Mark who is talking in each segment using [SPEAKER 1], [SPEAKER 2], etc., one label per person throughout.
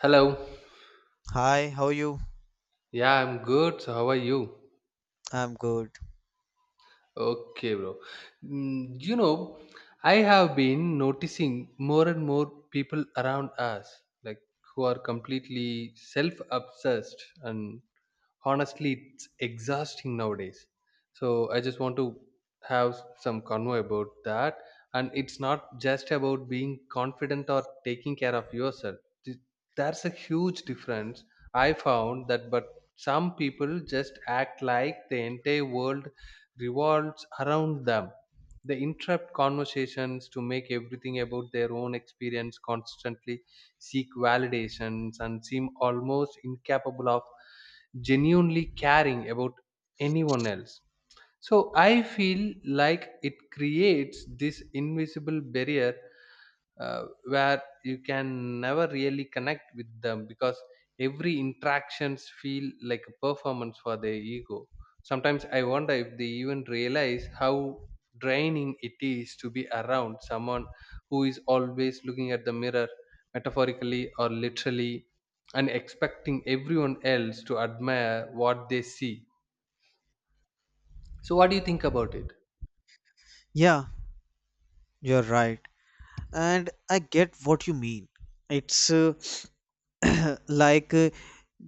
[SPEAKER 1] Hello.
[SPEAKER 2] Hi, how are you?
[SPEAKER 1] Yeah, I'm good. So how are you?
[SPEAKER 2] I'm good.
[SPEAKER 1] Okay, bro. You know, I have been noticing more and more people around us, like, who are completely self obsessed, and honestly it's exhausting nowadays, so I just want to have some convo about that. And it's not just about being confident or taking care of yourself. Th- that's a huge difference I found. That but some people just act like the entire world revolves around them. They interrupt conversations to make everything about their own experience, constantly seek validations, and seem almost incapable of genuinely caring about anyone else. So I feel like it creates this invisible barrier, where you can never really connect with them, because every interactions feel like a performance for their ego. Sometimes I wonder if they even realize how draining it is to be around someone who is always looking at the mirror, metaphorically or literally, and expecting everyone else to admire what they see. So what do you think about it?
[SPEAKER 2] Yeah, you're right. And I get what you mean. It's like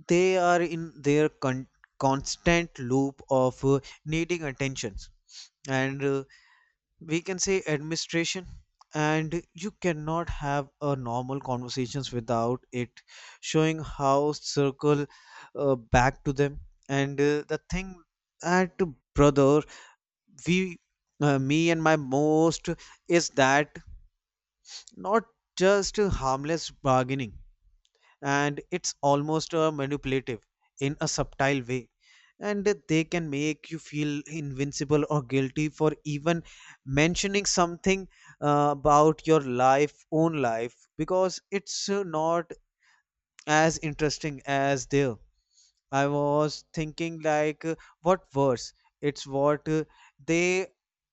[SPEAKER 2] they are in their constant loop of needing attention. And we can say administration. And you cannot have a normal conversations without it showing how circle back to them. And the thing that brother we me and my most is that not just a harmless bargaining, and it's almost a manipulative in a subtle way, and they can make you feel invincible or guilty for even mentioning something about your life own life because it's not as interesting as there. I was thinking like what worse it's what they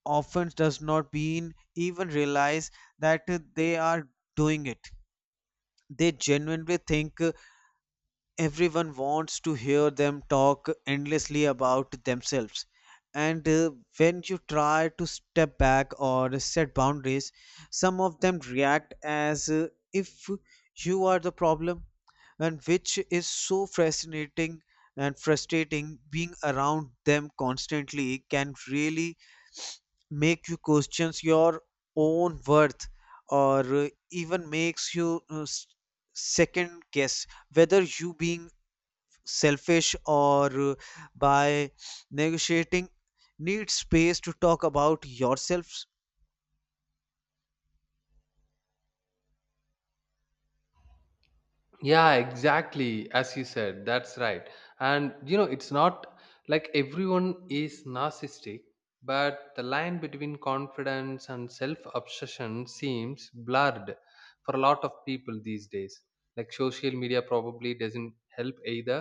[SPEAKER 2] often does not been even realize that they are doing it. They genuinely think everyone wants to hear them talk endlessly about themselves. And when you try to step back or set boundaries, some of them react as if you are the problem, and which is so fascinating and frustrating. Being around them constantly can really make you question your own worth, or even makes you second guess whether you being selfish or by negotiating need space to talk about yourselves.
[SPEAKER 1] Yeah, exactly, as you said, that's right. And you know, it's not like everyone is narcissistic, but the line between confidence and self obsession seems blurred for a lot of people these days. Like, social media probably doesn't help either.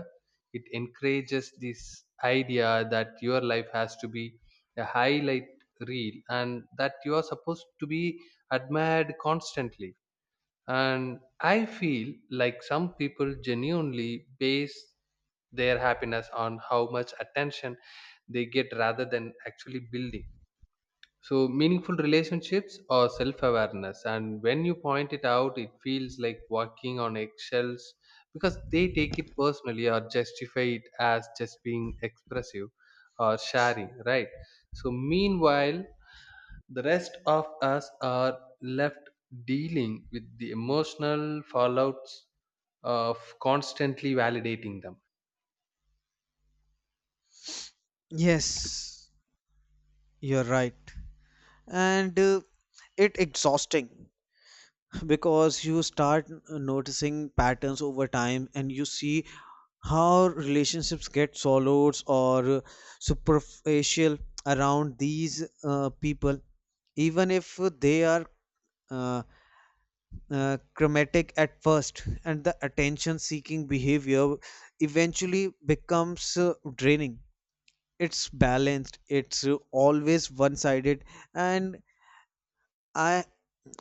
[SPEAKER 1] It encourages this idea that your life has to be a highlight reel, and that you are supposed to be admired constantly. And I feel like some people genuinely base their happiness on how much attention they get rather than actually building. So, meaningful relationships or self awareness. And when you point it out, it feels like walking on eggshells because they take it personally or justify it as just being expressive or sharing, right? So, meanwhile, the rest of us are left dealing with the emotional fallouts of constantly validating them.
[SPEAKER 2] Yes, you're right. And it exhausting because you start noticing patterns over time, and you see how relationships get swallowed or superficial around these people, even if they are uh, chromatic at first, and the attention seeking behavior eventually becomes draining. It's balanced, it's always one sided, and I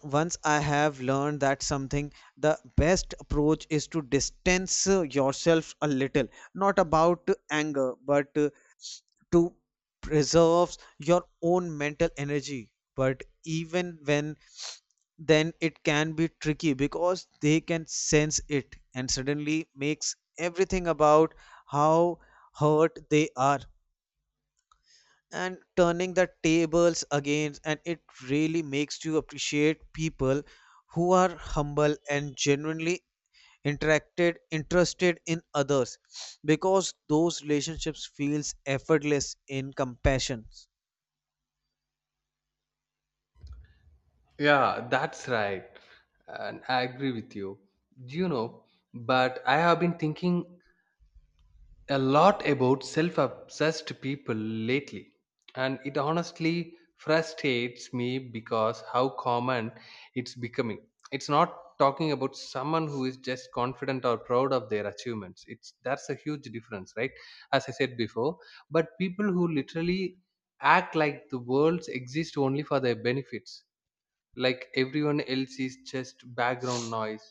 [SPEAKER 2] once I have learned that something the best approach is to distance yourself a little, not about anger but to preserve your own mental energy. But even when then it can be tricky because they can sense it and suddenly makes everything about how hurt they are, and turning the tables against. And it really makes you appreciate people who are humble and genuinely interacted interested in others, because those relationships feels effortless in compassion.
[SPEAKER 1] Yeah, that's right. And I agree with you. You know, but I have been thinking a lot about self obsessed people lately, and it honestly frustrates me because how common it's becoming. It's not talking about someone who is just confident or proud of their achievements. It's, that's a huge difference, right? As I said before. But people who literally act like the worlds exist only for their benefits, like everyone else is just background noise.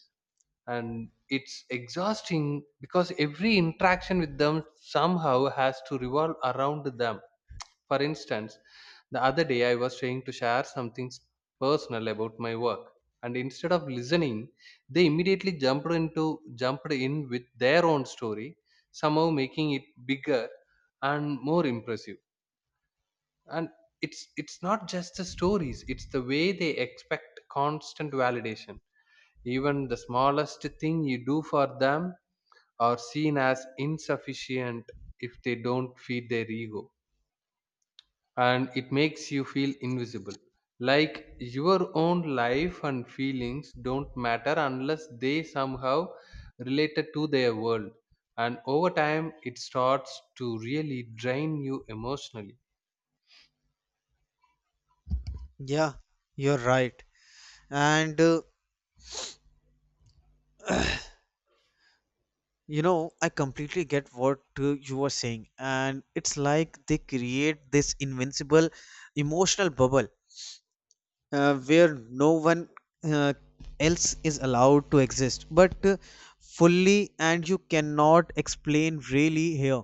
[SPEAKER 1] And it's exhausting because every interaction with them somehow has to revolve around them. For instance, the other day I was trying to share something personal about my work, and instead of listening, they immediately jumped in with their own story, somehow making it bigger and more impressive. And it's not just the stories, it's the way they expect constant validation. Even the smallest thing you do for them are seen as insufficient if they don't feed their ego. And it makes you feel invisible, like your own life and feelings don't matter unless they somehow related to their world. And over time it starts to really drain you emotionally.
[SPEAKER 2] Yeah, you're right. And you know, I completely get what you were saying. And it's like they create this invincible emotional bubble where no one uh, else is allowed to exist, but fully, and you cannot explain really here.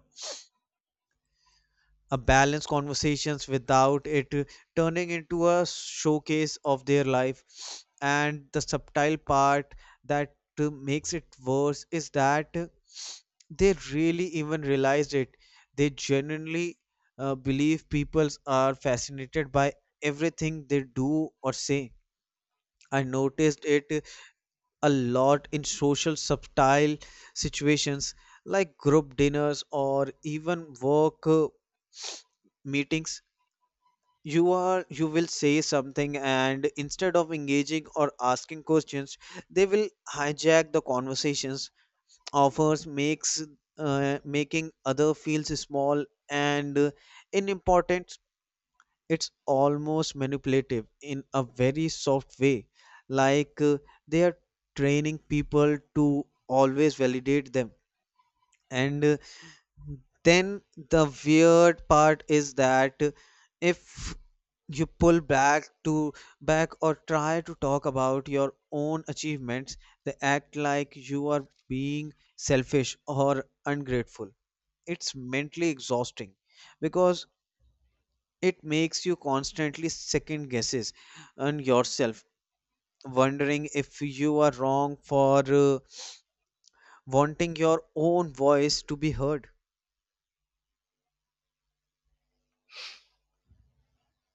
[SPEAKER 2] A balanced conversations without it turning into a showcase of their life. And the subtle part that makes it worse is that they really even realized it. They genuinely believe people are fascinated by everything they do or say. I noticed it a lot in social subtle situations, like group dinners or even work meetings. You are you will say something, and instead of engaging or asking questions, they will hijack the conversations, offers makes making other feels small and unimportant. It's almost manipulative in a very soft way, like they are training people to always validate them. And then the weird part is that if you pull back or try to talk about your own achievements, they act like you are being selfish or ungrateful. It's mentally exhausting because it makes you constantly second guesses on yourself, wondering if you are wrong for wanting your own voice to be heard.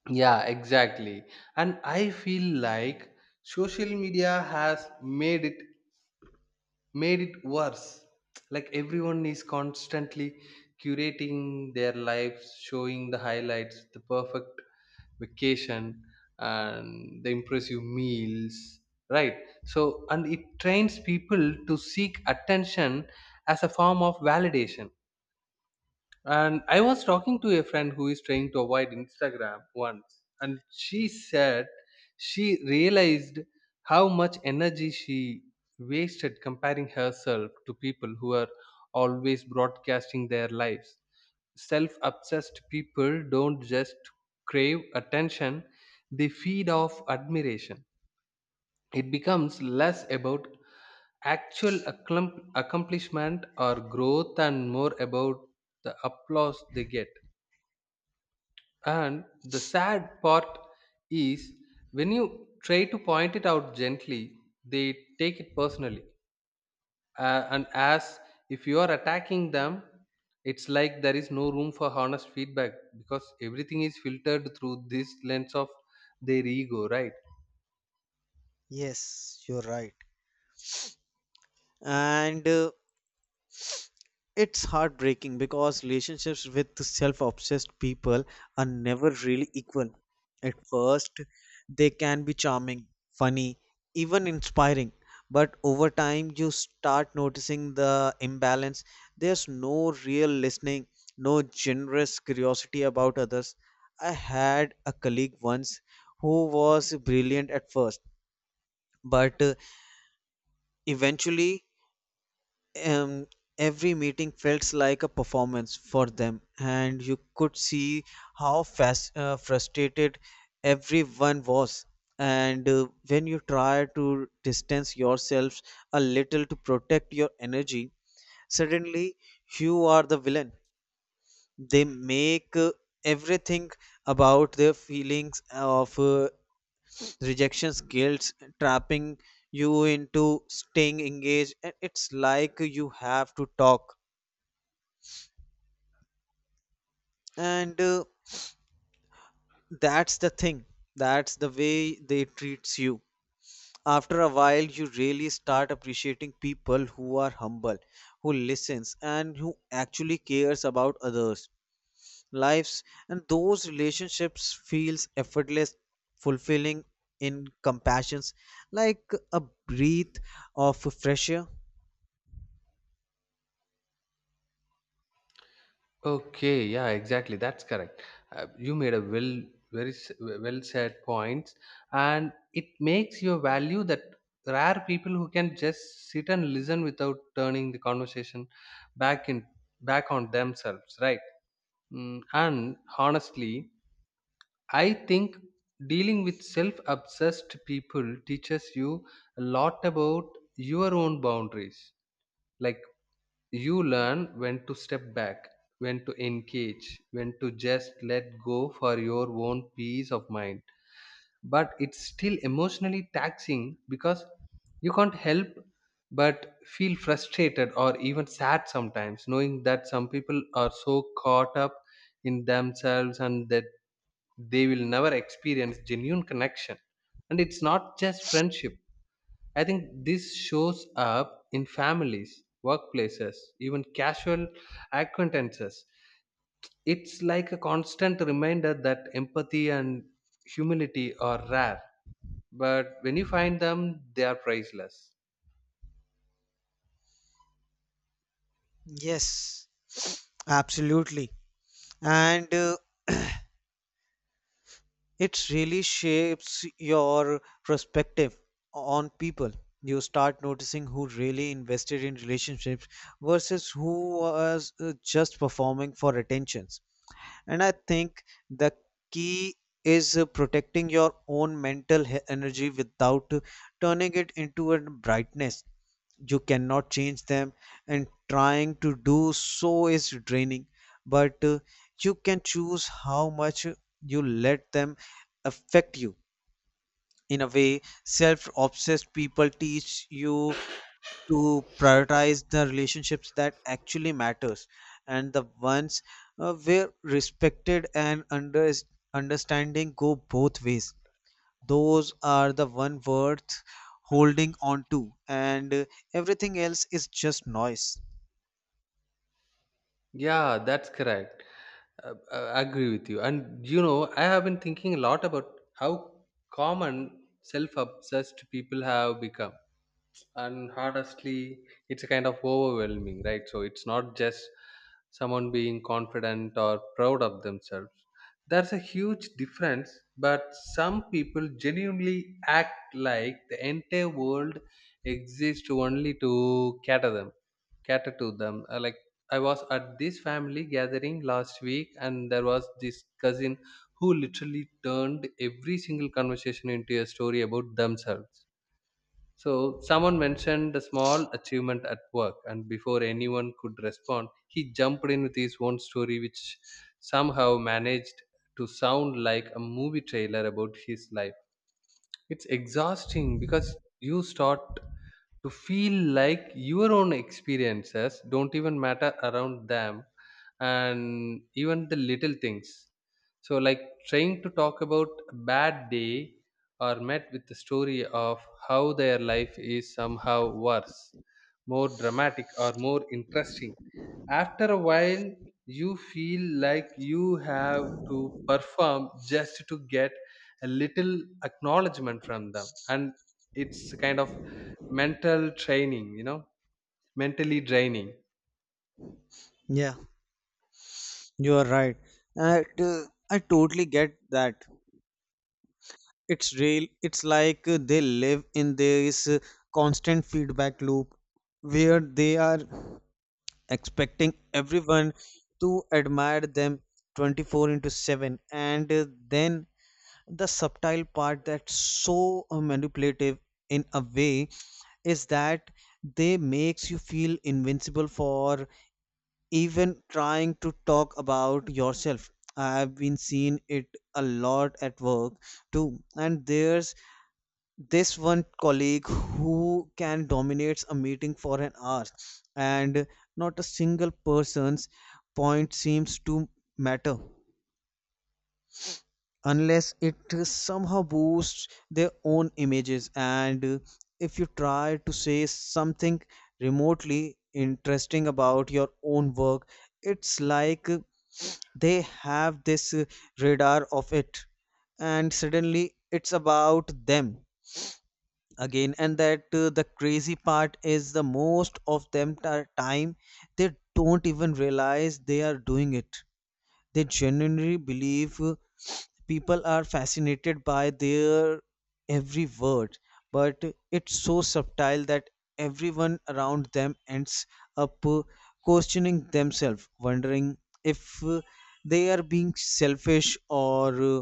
[SPEAKER 1] Yeah, exactly. And I feel like social media has made it worse. Like, everyone is constantly curating their lives, showing the highlights, the perfect vacation, and the impressive meals, right? So, and it trains people to seek attention as a form of validation. And I was talking to a friend who is trying to avoid Instagram once, and she said she realized how much energy she wasted comparing herself to people who are always broadcasting their lives. Self obsessed people don't just crave attention, they feed off admiration. It becomes less about accomplishment or growth and more about the applause they get. And the sad part is when you try to point it out gently, they take it personally. And as if you are attacking them, it's like there is no room for honest feedback because everything is filtered through this lens of their ego, right?
[SPEAKER 2] Yes, you're right. And It's heartbreaking because relationships with self obsessed people are never really equal. At first, they can be charming, funny, even inspiring, but over time, you start noticing the imbalance. There's no real listening, no generous curiosity about others. I had a colleague once who was brilliant at first, but eventually um, every meeting felt like a performance for them, and you could see how fast, frustrated everyone was. And when you try to distance yourselves a little to protect your energy, suddenly you are the villain. They make everything about their feelings of rejections, guilt, trapping you into staying engaged. And it's like you have to talk, and that's the thing, that's the way they treats you. After a while you really start appreciating people who are humble, who listens and who actually cares about others lives, and those relationships feels effortless, fulfilling, in compassions, like a breath of fresh air.
[SPEAKER 1] Okay, yeah, exactly. That's correct. You made a very well said points, and it makes your value that there are people who can just sit and listen without turning the conversation back in back on themselves, right? And honestly, I think dealing with self obsessed people teaches you a lot about your own boundaries. Like, you learn when to step back, when to engage, when to just let go for your own peace of mind. But it's still emotionally taxing because you can't help but feel frustrated or even sad sometimes, knowing that some people are so caught up in themselves and that they will never experience genuine connection. And it's not just friendship, I think this shows up in families, workplaces, even casual acquaintances. It's like a constant reminder that empathy and humility are rare, but when you find them, they are priceless.
[SPEAKER 2] Yes, absolutely. And It really shapes your perspective on people. You start noticing who really invested in relationships versus who was just performing for attentions. And I think the key is protecting your own mental energy without turning it into a brightness. You cannot change them, and trying to do so is draining, but you can choose how much you let them affect you. In a way, self-obsessed people teach you to prioritize the relationships that actually matters, and the ones where respected and understanding go both ways. Those are the one worth holding on to, and everything else is just noise.
[SPEAKER 1] Yeah, that's correct. I agree with you. And you know, I have been thinking a lot about how common self obsessed people have become, and honestly it's a kind of overwhelming, right? So it's not just someone being confident or proud of themselves, there's a huge difference. But some people genuinely act like the entire world exists only to cater to them. Like, I was at this family gathering last week, and there was this cousin who literally turned every single conversation into a story about themselves. So someone mentioned a small achievement at work, and before anyone could respond, he jumped in with his own story, which somehow managed to sound like a movie trailer about his life. It's exhausting because you start to feel like your own experiences don't even matter around them, and even the little things. So, like, trying to talk about a bad day or met with the story of how their life is somehow worse, more dramatic, or more interesting. After a while, you feel like you have to perform just to get a little acknowledgement from them. And it's kind of mental training. Mentally draining.
[SPEAKER 2] Yeah, you are right. and I totally get that. It's real. It's like they live in this constant feedback loop where they are expecting everyone to admire them 24/7, and then the subtle part that's so manipulative in a way is that they makes you feel invincible for even trying to talk about yourself. I've been seeing it a lot at work too, and there's this one colleague who can dominates a meeting for an hour, and not a single person's point seems to matter unless it somehow boosts their own images. And if you try to say something remotely interesting about your own work, it's like they have this radar of it, and suddenly it's about them again. And that the crazy part is the most of them time they don't even realize they are doing it. They genuinely believe people are fascinated by their every word, but it's so subtle that everyone around them ends up questioning themselves, wondering if they are being selfish or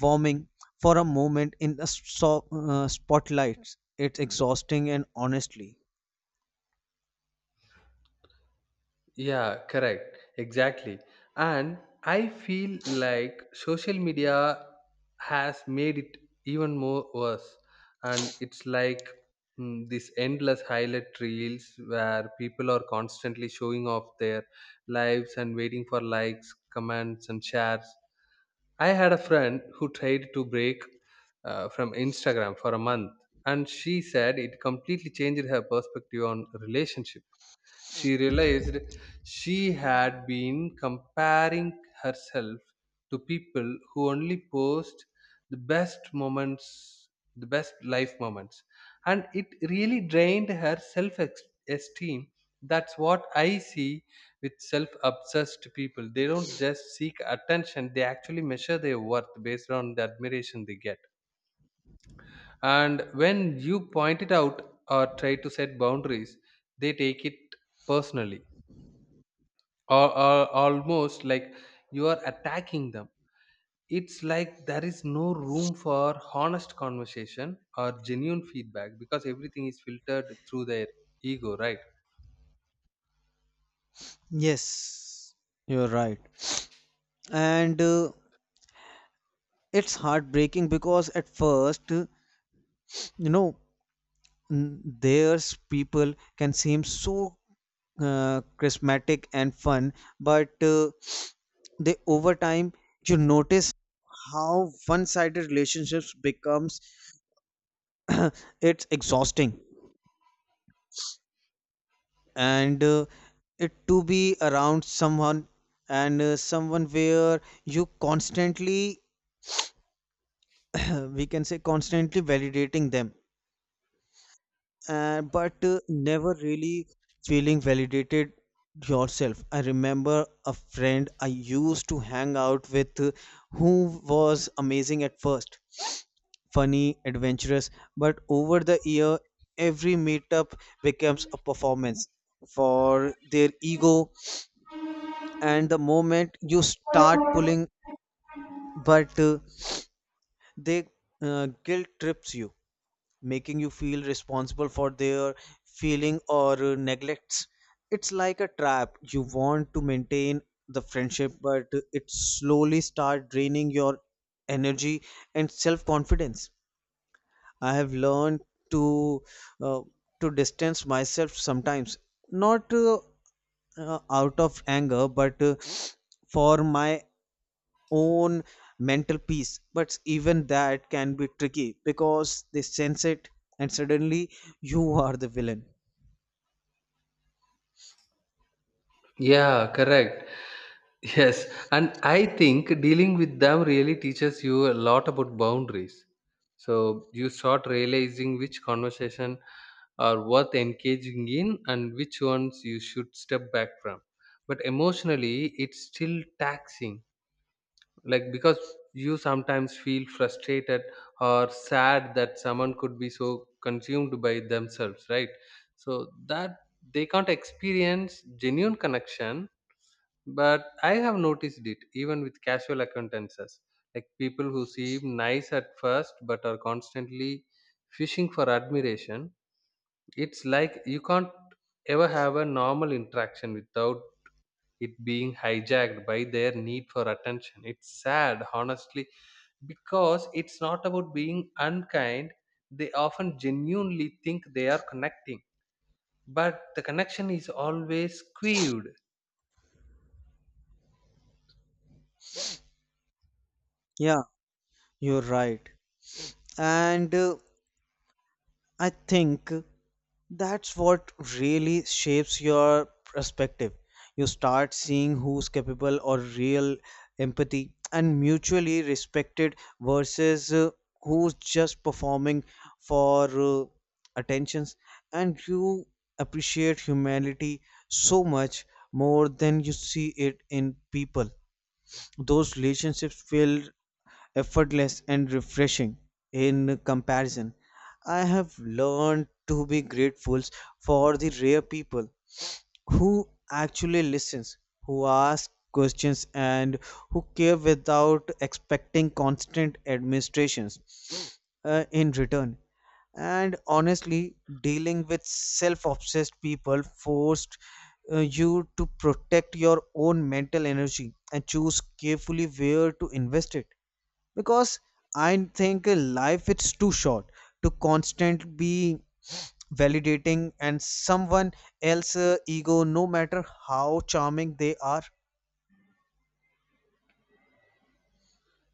[SPEAKER 2] warming for a moment in the spotlight. It's exhausting and honestly.
[SPEAKER 1] Yeah, correct. Exactly. And I feel like social media has made it even more worse. And it's like, this endless highlight reels where people are constantly showing off their lives and waiting for likes, comments, and shares. I had a friend who tried to break from Instagram for a month, and she said it completely changed her perspective on relationship. She realized she had been comparing herself to people who only post the best moments, the best life moments, and it really drained her self esteem. That's what I see with self obsessed people. They don't just seek attention, they actually measure their worth based on the admiration they get. And when you point it out or try to set boundaries, they take it personally, or al almost like you are attacking them. It's like there is no room for honest conversation or genuine feedback because everything is filtered through their ego, right?
[SPEAKER 2] Yes, you're right. And it's heartbreaking because at first, you know, n- theirs people can seem so charismatic and fun, but they over time you notice how one-sided relationships becomes. It's exhausting, and it to be around someone, and someone where you constantly we can say constantly validating them, but never really feeling validated yourself. I remember a friend I used to hang out with who was amazing at first, funny, adventurous, but over the year, every meetup becomes a performance for their ego. And the moment you start pulling, but they guilt trips you, making you feel responsible for their feeling or neglects. It's like a trap. You want to maintain the friendship, but it slowly start draining your energy and self confidence. I have learned to uh, to distance myself sometimes, not out of anger but for my own mental peace. But even that can be tricky because they sense it, and suddenly you are the villain.
[SPEAKER 1] Yeah, correct. Yes, and I think dealing with them really teaches you a lot about boundaries. So you start realizing which conversation are worth engaging in and which ones you should step back from. But emotionally, it's still taxing, like, because you sometimes feel frustrated or sad that someone could be so consumed by themselves, right? So that they can't experience genuine connection. But I have noticed it even with casual acquaintances, like people who seem nice at first but are constantly fishing for admiration. It's like you can't ever have a normal interaction without it being hijacked by their need for attention. It's sad, honestly, because it's not about being unkind. They often genuinely think they are connecting, but the connection is always skewed.
[SPEAKER 2] Yeah, you're right. And I think that's what really shapes your perspective. You start seeing who's capable or real empathy and mutually respected versus who's just performing for attentions, and you appreciate humanity so much more than you see it in people. Those relationships feel effortless and refreshing in comparison. I have learned to be grateful for the rare people who actually listens, who ask questions and who care without expecting constant administrations in return. And honestly, dealing with self-obsessed people forced you to protect your own mental energy and choose carefully where to invest it, because I think life is too short to constant be validating and someone else ego no matter how charming they are.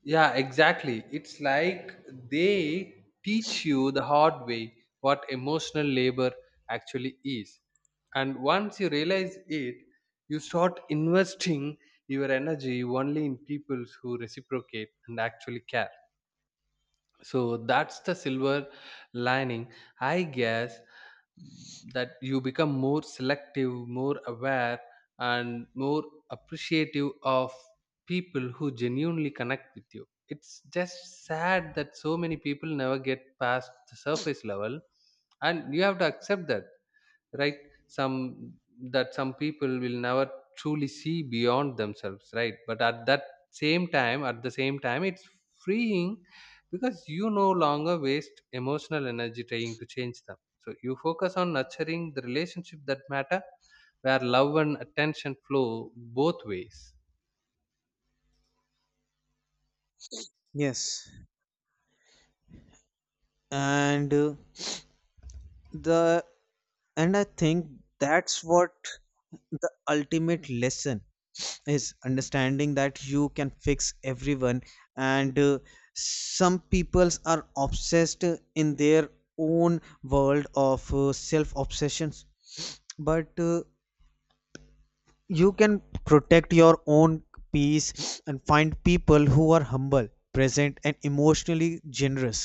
[SPEAKER 1] Yeah, exactly. It's like they teach you the hard way what emotional labor actually is. And once you realize it, you start investing your energy only in people who reciprocate and actually care. So that's the silver lining, I guess, that you become more selective, more aware, and more appreciative of people who genuinely connect with you. It's just sad that so many people never get past the surface level, and you have to accept that, right? some some people will never truly see beyond themselves, right? But at that same time at the same time, it's freeing because you no longer waste emotional energy trying to change them, so you focus on nurturing the relationship that matter, where love and attention flow both ways.
[SPEAKER 2] Yes, and the and I think that's what the ultimate lesson is, understanding that you can fix everyone, and some peoples are obsessed in their own world of self obsessions, but you can protect your own peace and find people who are humble, present and emotionally generous.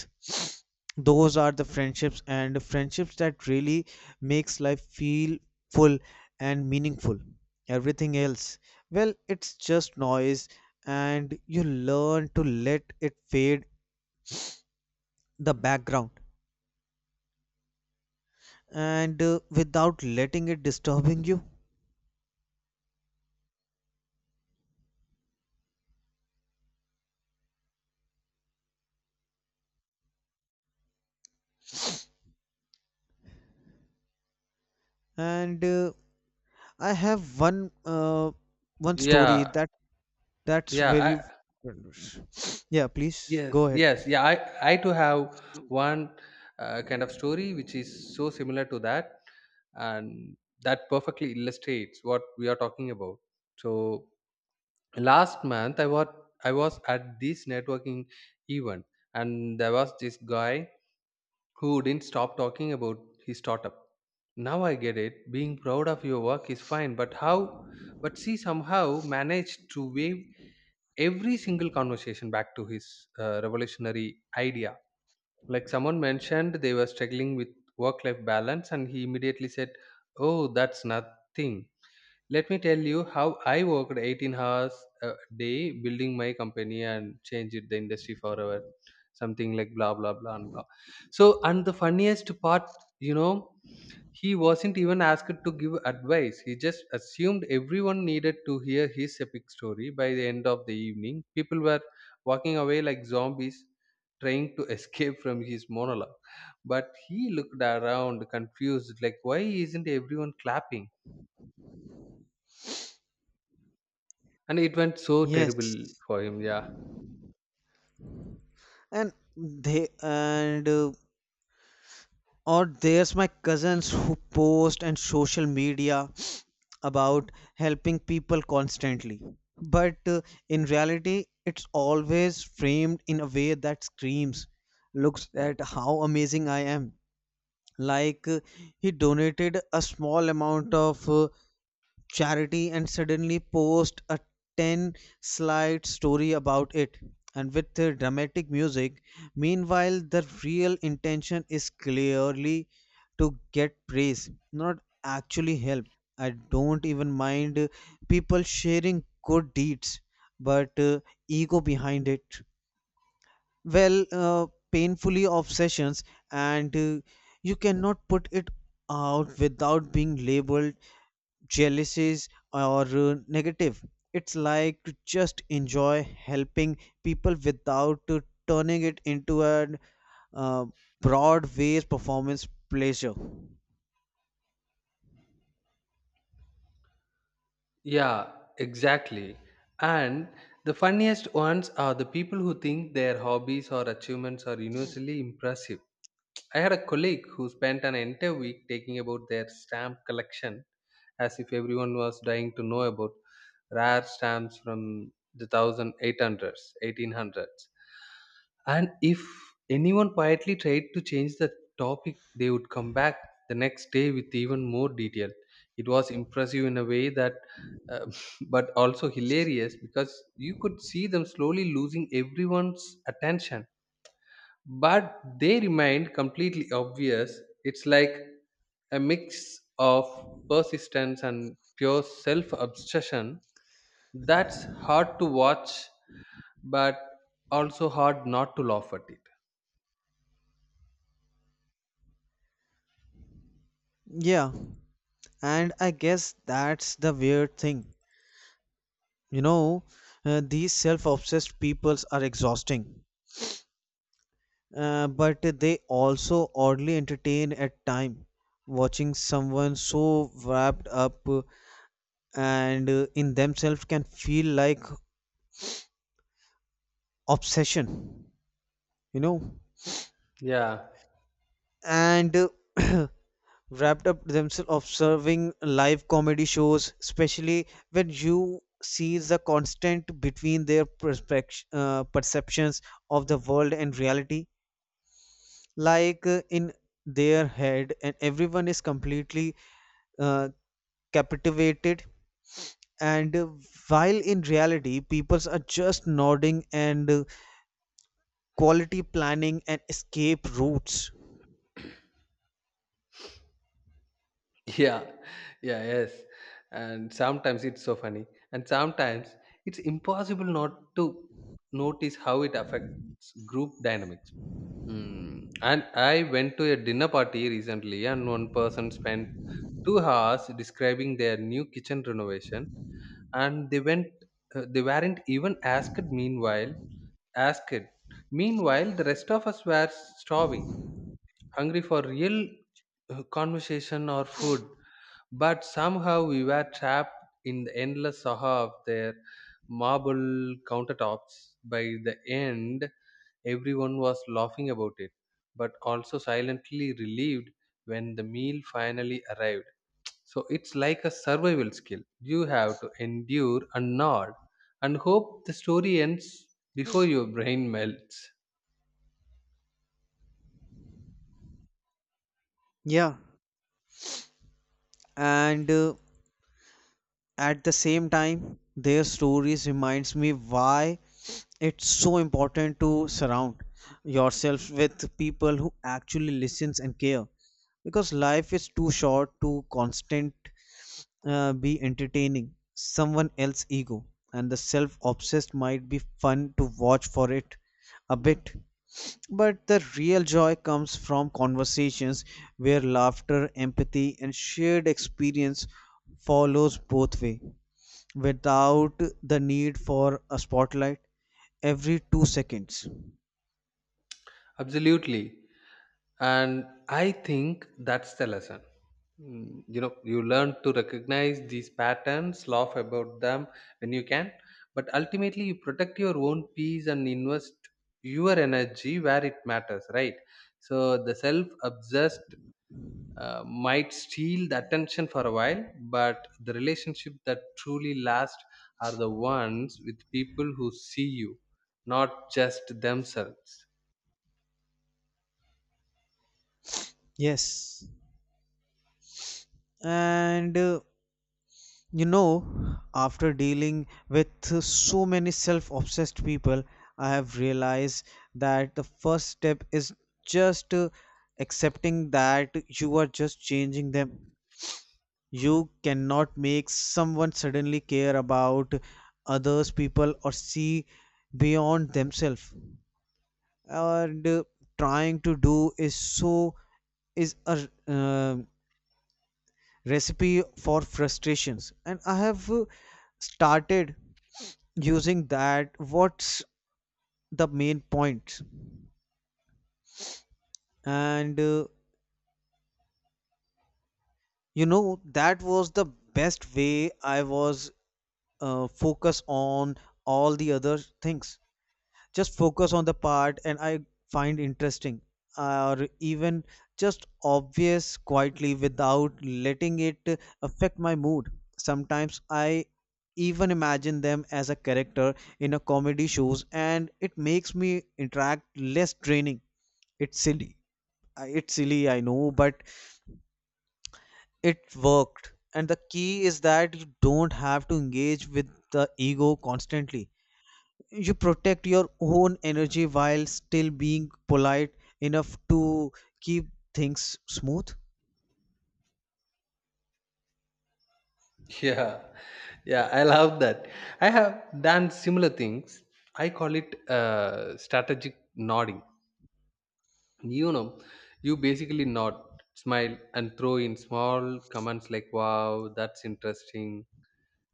[SPEAKER 2] Those are the friendships and friendships that really makes life feel full and meaningful. Everything else, well, it's just noise, and you learn to let it fade the background, and without letting it disturbing you. And I have one story
[SPEAKER 1] Yeah.
[SPEAKER 2] that that's
[SPEAKER 1] yeah
[SPEAKER 2] very
[SPEAKER 1] I,
[SPEAKER 2] yeah please
[SPEAKER 1] yes,
[SPEAKER 2] go
[SPEAKER 1] yes,
[SPEAKER 2] ahead.
[SPEAKER 1] yeah. I too have one kind of story which is so similar to that, and that perfectly illustrates what we are talking about. So last month I was at this networking event, and there was this guy who didn't stop talking about his startup. Now I get it, being proud of your work is fine, but she somehow managed to wave every single conversation back to his revolutionary idea. Like, someone mentioned they were struggling with work life balance, and he immediately said, "Oh, that's nothing, let me tell you how I worked 18 hours a day building my company and changed the industry forever." Something like blah, blah, blah, and blah. So, and the funniest part, you know, he wasn't even asked to give advice. He just assumed everyone needed to hear his epic story. By the end of the evening, people were walking away like zombies trying to escape from his monologue. But he looked around confused, like, why isn't everyone clapping? And it went so terrible
[SPEAKER 2] Yes,
[SPEAKER 1] for him, yeah.
[SPEAKER 2] and they and or there's my cousins who post on social media about helping people constantly. But in reality, it's always framed in a way that screams, looks at how amazing I am. Like uh, he donated a small amount of charity and suddenly post a 10 slide story about it and with the dramatic music. Meanwhile, the real intention is clearly to get praise, not actually help. I don't even mind people sharing good deeds, but ego behind it, well painfully obsessions, and you cannot put it out without being labeled jealousies or negative. It's like to just enjoy helping people without turning it into a uh, broad-based performance pleasure.
[SPEAKER 1] Yeah, exactly. And the funniest ones are the people who think their hobbies or achievements are universally impressive. I had a colleague who spent an entire week taking about their stamp collection, as if everyone was dying to know about rare stamps from the 1800s. And if anyone quietly tried to change the topic, they would come back the next day with even more detail. It was impressive in a way that, uh, but also hilarious because you could see them slowly losing everyone's attention, but they remained completely obvious. It's like a mix of persistence and pure self obsession that's hard to watch, but also hard not to laugh at it.
[SPEAKER 2] Yeah, and I guess that's the weird thing, you know, these self-obsessed peoples are exhausting, but they also oddly entertain at time, watching someone so wrapped up and in themselves can feel like obsession, you know,
[SPEAKER 1] Yeah,
[SPEAKER 2] and wrapped up themselves observing live comedy shows, especially when you see the constant between their perceptions of the world and reality, like in their head, and everyone is completely uh, captivated. And while in reality, peoples are just nodding and quality planning and escape routes.
[SPEAKER 1] yeah, yeah, yes. And sometimes it's so funny, and sometimes it's impossible not to notice how it affects group dynamics. Hmm. And I went to a dinner party recently, and one person spent 2 hours describing their new kitchen renovation, and they went, they weren't even asked. Meanwhile, the rest of us were starving, hungry for real conversation or food. But somehow we were trapped in the endless saga of their marble countertops. By the end, everyone was laughing about it, but also silently relieved when the meal finally arrived. So it's like a survival skill. You have to endure and nod and hope the story ends before your brain melts.
[SPEAKER 2] Yeah, and at the same time their stories reminds me why it's so important to surround yourself with people who actually listens and care, because life is too short to constant be entertaining someone else's ego. And the self-obsessed might be fun to watch for it a bit, but the real joy comes from conversations where laughter empathy and shared experience follows both way, without the need for a spotlight every 2 seconds.
[SPEAKER 1] Absolutely. And I think that's the lesson. Mm, you know, you learn to recognize these patterns, laugh about them when you can, but ultimately you protect your own peace and invest your energy where it matters, right? So the self obsessed, might steal the attention for a while, but the relationship that truly last are the ones with people who see you, not just themselves.
[SPEAKER 2] Yes. And you know, after dealing with so many self obsessed people, I have realized that the first step is just accepting that you are just changing them. You cannot make someone suddenly care about others people or see beyond themselves. And trying to do is so is a recipe for frustrations. And I have started using that, what's the main point? And you know, that was the best way. I was focus on all the other things, just focus on the part and I find interesting, or even just obvious quietly without letting it affect my mood. Sometimes I even imagine them as a character in a comedy shows, and it makes me interact less draining. It's silly. It's silly, I know, but it worked. And the key is that you don't have to engage with the ego constantly. You protect your own energy while still being polite enough to keep things smooth.
[SPEAKER 1] Yeah, yeah, I love that. I have done similar things. I call it strategic nodding. You know, you basically nod, smile, and throw in small comments like, wow, that's interesting,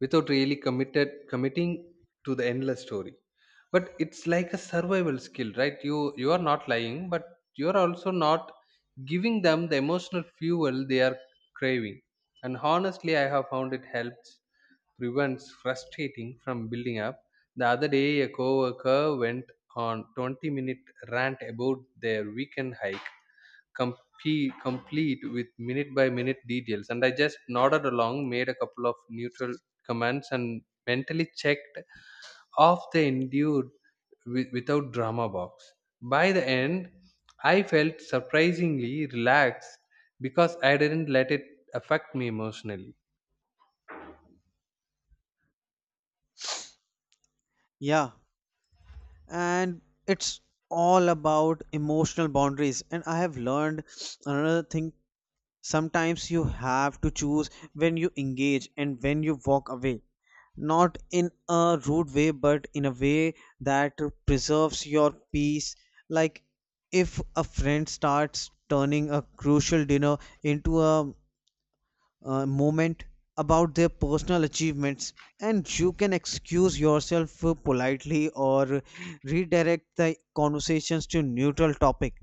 [SPEAKER 1] without really committed committing to the endless story. But it's like a survival skill, right? You are not lying, but you are also not giving them the emotional fuel they are craving. And honestly, I have found it helps prevents frustrating from building up. The other day a coworker went on 20-minute rant about their weekend hike, complete with minute by minute details. And I just nodded along, made a couple of neutral comments, and mentally checked off the endured without drama box. By the end, I felt surprisingly relaxed because I didn't let it affect me emotionally.
[SPEAKER 2] Yeah, and it's all about emotional boundaries, and I have learned another thing. Sometimes you have to choose when you engage and when you walk away, not in a rude way but in a way that preserves your peace. Like if a friend starts turning a crucial dinner into a moment about their personal achievements, and you can excuse yourself politely or redirect the conversations to neutral topic.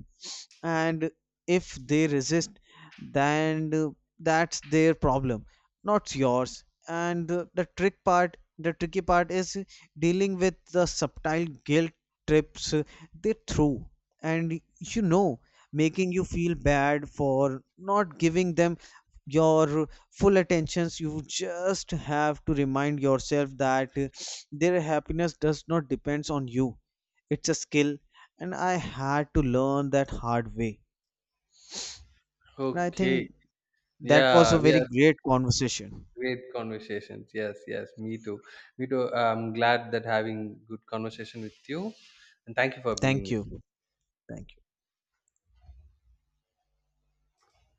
[SPEAKER 2] And if they resist, then that's their problem, not yours. And the tricky part is dealing with the subtle guilt trips they throw, and you know, making you feel bad for not giving them your full attentions. You just have to remind yourself that their happiness does not depends on you. It's a skill, and I had to learn that hard way. And I
[SPEAKER 1] Okay.
[SPEAKER 2] think that was a
[SPEAKER 1] Yeah, we
[SPEAKER 2] very
[SPEAKER 1] have
[SPEAKER 2] great conversation.
[SPEAKER 1] great conversations. Yes, yes, me too. Me too. I'm glad that having good conversation with you, and thank you for being
[SPEAKER 2] Thank
[SPEAKER 1] with me.
[SPEAKER 2] you. Thank you.